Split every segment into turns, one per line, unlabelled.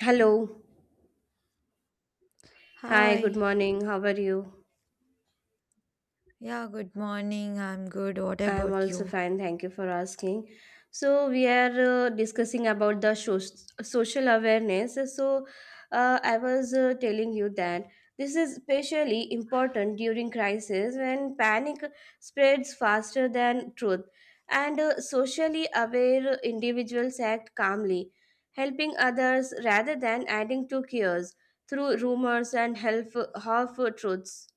Hello. Hi, good
Hi.
morning. How are you?
Yeah, good morning. I'm good. What
I'm
about
also
you?
fine. Thank you for asking. So, we are discussing about the shows social awareness. So, I was telling you that this is especially important during crisis when panic spreads faster than truth. And socially aware individuals act calmly, helping others rather than adding to chaos through rumors and half truths.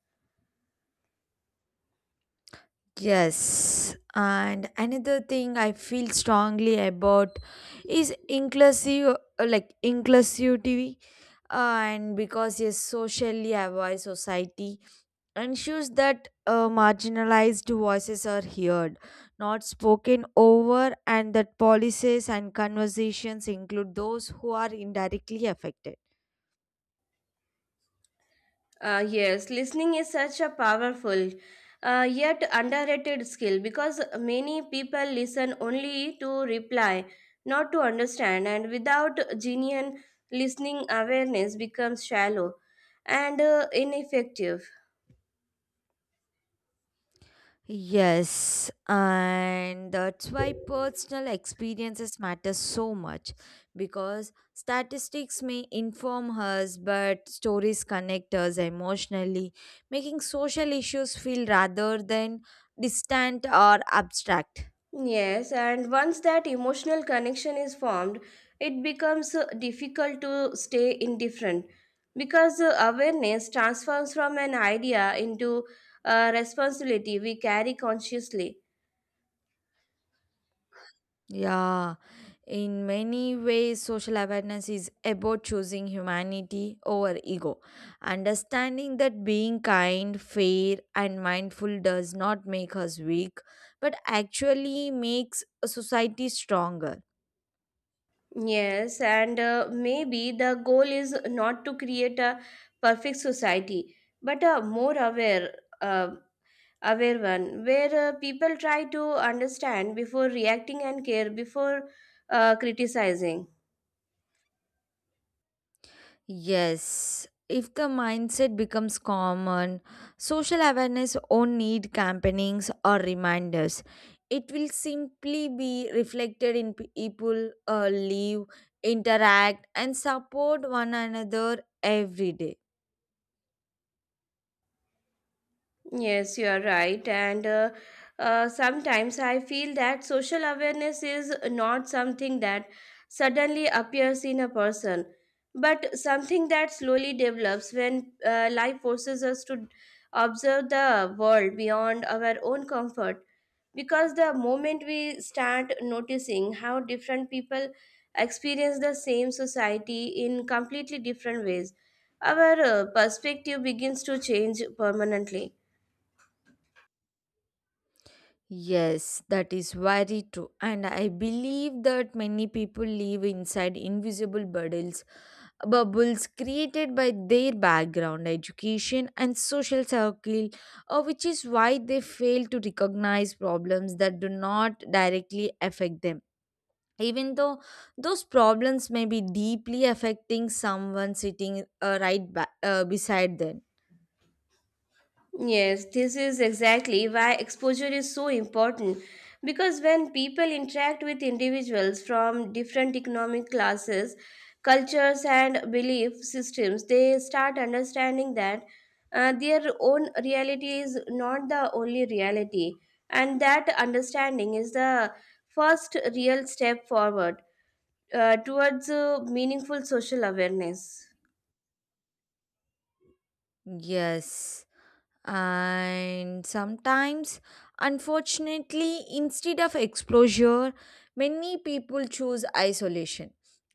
Yes. And another thing I feel strongly about is inclusive like inclusivity and because a socially aware society ensures that marginalized voices are heard, not spoken over and that policies and conversations include those who are indirectly affected.
Yes, listening is such a powerful yet underrated skill because many people listen only to reply, not to understand, and without genuine listening, awareness becomes shallow and ineffective.
Yes, and that's why personal experiences matter so much because statistics may inform us, but stories connect us emotionally, making social issues feel rather than distant or abstract.
Yes, and once that emotional connection is formed, it becomes difficult to stay indifferent because awareness transforms from an idea into a responsibility we carry consciously.
Yeah, in many ways, social awareness is about choosing humanity over ego. Understanding that being kind, fair, and mindful does not make us weak, but actually makes a society stronger.
Yes, and maybe the goal is not to create a perfect society, but a more aware, uh, aware one where people try to understand before reacting and care before criticizing.
Yes, if the mindset becomes common, social awareness won't need campaignings or reminders. It will simply be reflected in people live, interact, and support one another every day.
Yes, you are right. And sometimes I feel that social awareness is not something that suddenly appears in a person, but something that slowly develops when life forces us to observe the world beyond our own comfort. Because the moment we start noticing how different people experience the same society in completely different ways, our perspective begins to change permanently.
Yes, that is very true. And I believe that many people live inside invisible bubbles created by their background, education, and social circle, which is why they fail to recognize problems that do not directly affect them. Even though those problems may be deeply affecting someone sitting uh, right beside them.
Yes, this is exactly why exposure is so important because when people interact with individuals from different economic classes, cultures, and belief systems, they start understanding that their own reality is not the only reality, and that understanding is the first real step forward towards meaningful social awareness.
Yes. And sometimes, unfortunately, instead of exposure, many people choose isolation,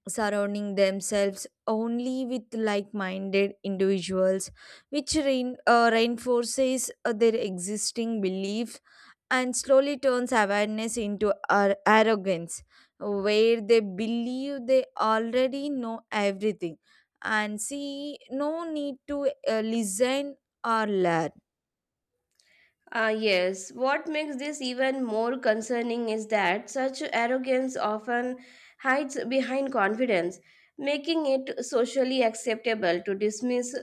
surrounding themselves only with like minded individuals, which reinforces their existing beliefs and slowly turns awareness into arrogance, where they believe they already know everything and see no need to listen or learn.
Ah, yes. What makes this even more concerning is that such arrogance often hides behind confidence, making it socially acceptable to dismiss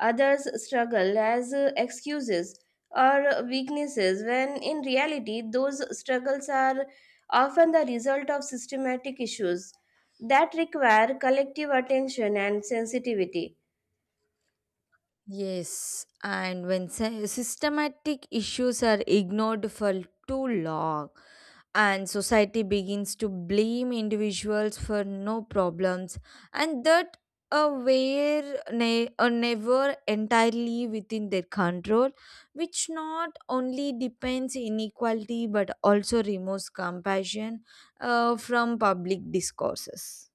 others' struggle as excuses or weaknesses, when in reality, those struggles are often the result of systematic issues that require collective attention and sensitivity.
Yes, and when systematic issues are ignored for too long, and society begins to blame individuals for no problems, and that never entirely within their control, which not only depends inequality but also removes compassion from public discourses.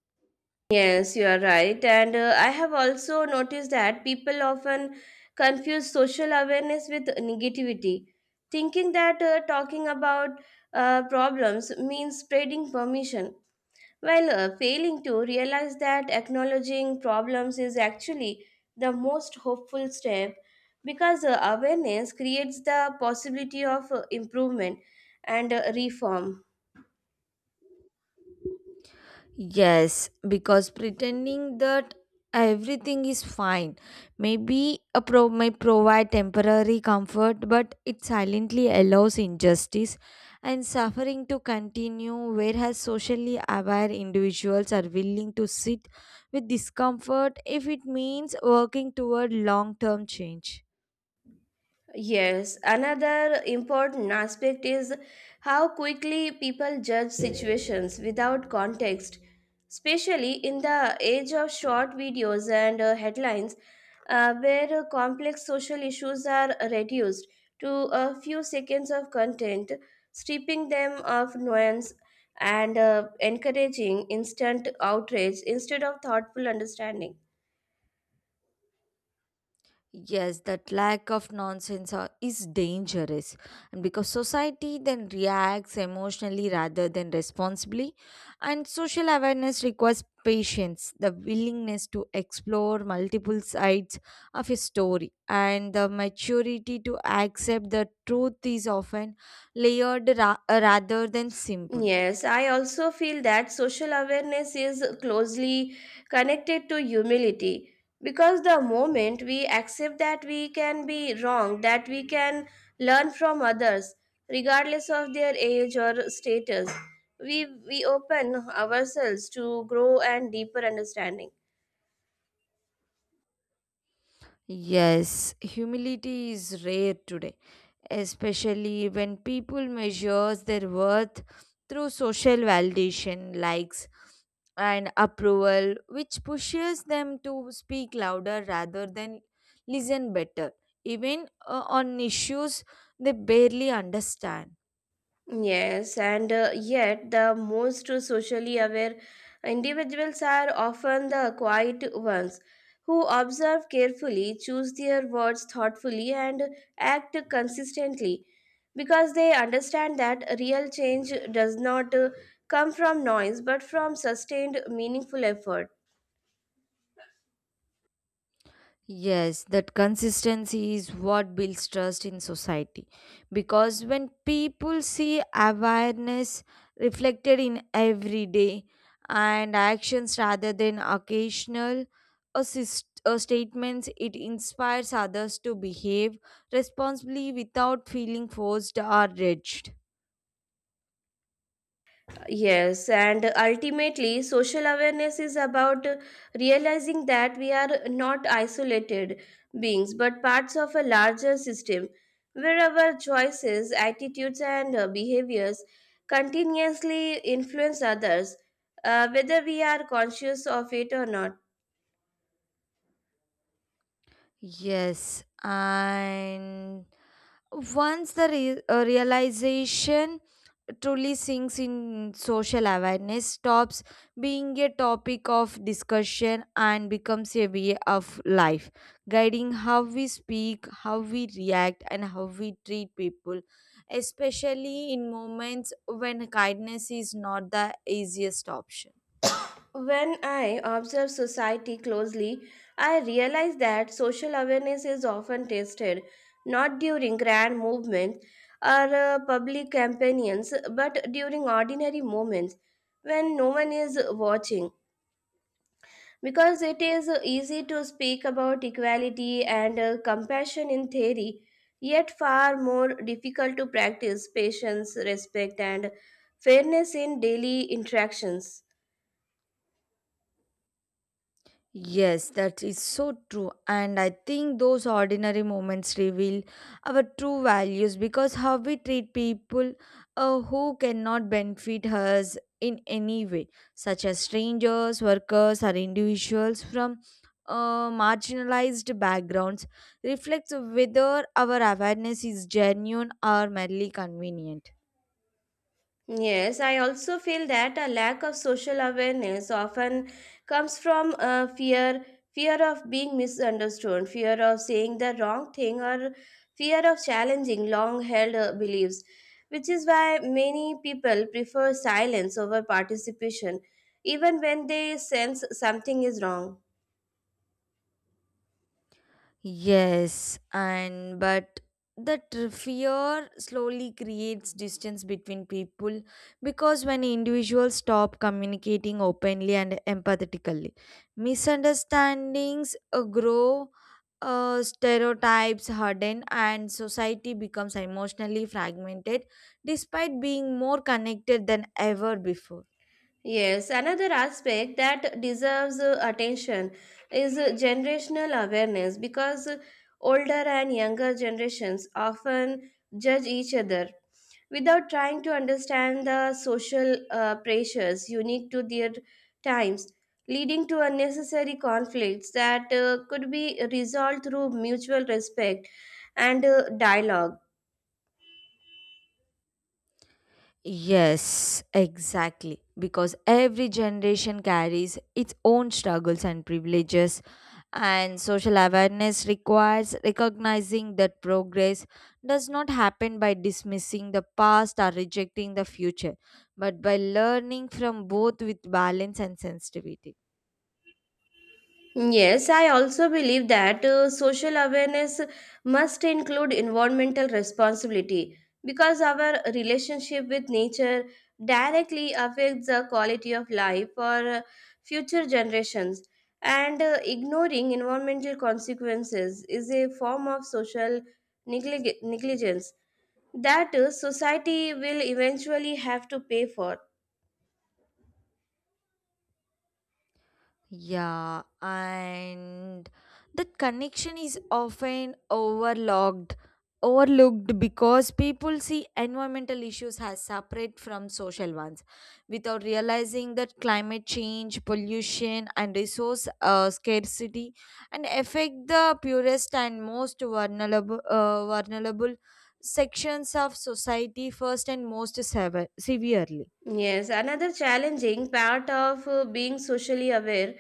Yes, you are right. And I have also noticed that people often confuse social awareness with negativity, thinking that talking about problems means spreading permission, while failing to realize that acknowledging problems is actually the most hopeful step because awareness creates the possibility of improvement and reform.
Yes, because pretending that everything is fine maybe a provide temporary comfort, but it silently allows injustice and suffering to continue, whereas socially aware individuals are willing to sit with discomfort if it means working toward long term change.
Yes, another important aspect is how quickly people judge situations without context, especially in the age of short videos and headlines, where complex social issues are reduced to a few seconds of content, stripping them of nuance and encouraging instant outrage instead of thoughtful understanding.
Yes, that lack of nonsense is dangerous. And because society then reacts emotionally rather than responsibly, and social awareness requires patience, the willingness to explore multiple sides of a story, and the maturity to accept that truth is often layered rather than simple.
Yes, I also feel that social awareness is closely connected to humility because the moment we accept that we can be wrong, that we can learn from others, regardless of their age or status, we open ourselves to grow and deeper understanding.
Yes, humility is rare today, especially when people measure their worth through social validation, likes, and approval, which pushes them to speak louder rather than listen better, even on issues they barely understand.
Yes, and yet the most socially aware individuals are often the quiet ones who observe carefully, choose their words thoughtfully, and act consistently because they understand that real change does not come from noise but from sustained, meaningful effort.
Yes, that consistency is what builds trust in society. Because when people see awareness reflected in everyday and actions rather than occasional statements, it inspires others to behave responsibly without feeling forced or judged.
Yes, and ultimately, social awareness is about realizing that we are not isolated beings but parts of a larger system where our choices, attitudes, and behaviors continuously influence others, whether we are conscious of it or not.
Yes, and once the realization truly sinks in social awareness, stops being a topic of discussion, and becomes a way of life, guiding how we speak, how we react, and how we treat people, especially in moments when kindness is not the easiest option.
When I observe society closely, I realize that social awareness is often tested not during grand movements or public campaigns but during ordinary moments when no one is watching. Because it is easy to speak about equality and compassion in theory, yet far more difficult to practice patience, respect, and fairness in daily interactions.
Yes, that is so true. And I think those ordinary moments reveal our true values because how we treat people who cannot benefit us in any way, such as strangers, workers, or individuals from marginalized backgrounds, reflects whether our awareness is genuine or merely convenient.
Yes, I also feel that a lack of social awareness often comes from fear fear of being misunderstood, fear of saying the wrong thing, or fear of challenging long held beliefs, which is why many people prefer silence over participation, even when they sense something is wrong.
Yes, and but that fear slowly creates distance between people because when individuals stop communicating openly and empathetically, misunderstandings grow, stereotypes harden, and society becomes emotionally fragmented despite being more connected than ever before.
Yes, another aspect that deserves attention is generational awareness because older and younger generations often judge each other without trying to understand the social pressures unique to their times, leading to unnecessary conflicts that could be resolved through mutual respect and dialogue.
Yes, exactly. Because every generation carries its own struggles and privileges, and social awareness requires recognizing that progress does not happen by dismissing the past or rejecting the future, but by learning from both with balance and sensitivity.
Yes, I also believe that social awareness must include environmental responsibility because our relationship with nature directly affects the quality of life for future generations. And ignoring environmental consequences is a form of social negligence that society will eventually have to pay for.
Yeah, and that connection is often overlooked because people see environmental issues as separate from social ones, without realizing that climate change, pollution, and resource scarcity, and affect the purest and most vulnerable sections of society first and most severely.
Yes, another challenging part of being socially aware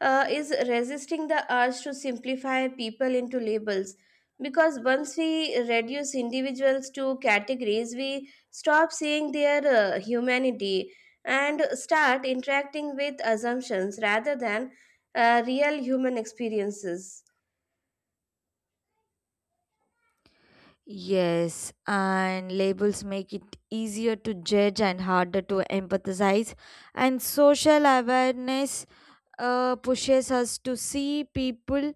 is resisting the urge to simplify people into labels. Because once we reduce individuals to categories, we stop seeing their humanity and start interacting with assumptions rather than real human experiences.
Yes, and labels make it easier to judge and harder to empathize. And social awareness pushes us to see people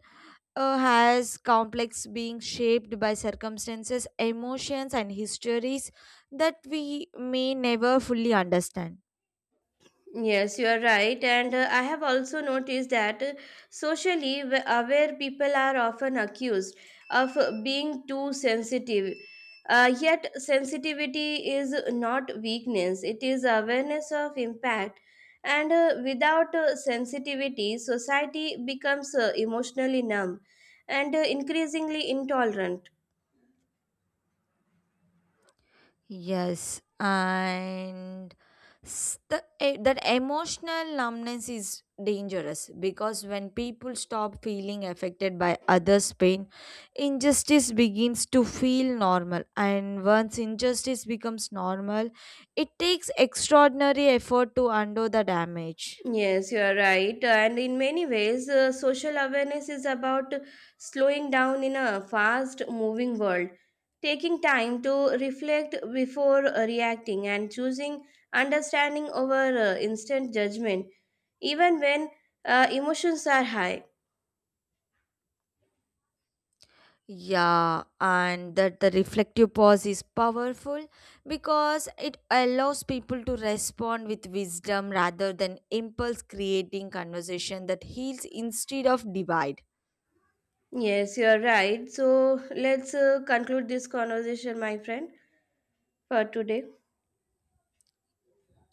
as complex being shaped by circumstances, emotions, and histories that we may never fully understand.
Yes, you are right. And I have also noticed that socially aware people are often accused of being too sensitive. Yet, sensitivity is not weakness, it is awareness of impact. And without sensitivity, society becomes emotionally numb and increasingly intolerant.
Yes, and that emotional numbness is dangerous because when people stop feeling affected by others' pain, injustice begins to feel normal. And once injustice becomes normal, it takes extraordinary effort to undo the damage.
Yes, you are right. And in many ways, social awareness is about slowing down in a fast moving world, taking time to reflect before reacting, and choosing understanding over instant judgment, even when emotions are high.
Yeah, and that the reflective pause is powerful because it allows people to respond with wisdom rather than impulse creating conversation that heals instead of divide.
Yes, you are right. So let's conclude this conversation, my friend, for today.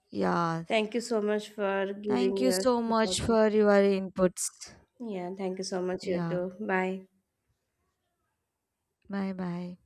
Yeah,
Thank you so much for
thank
giving
you
your
so much
support.
for your inputs.
Yeah, thank you so much, you
Yeah,
too. Bye.
bye bye.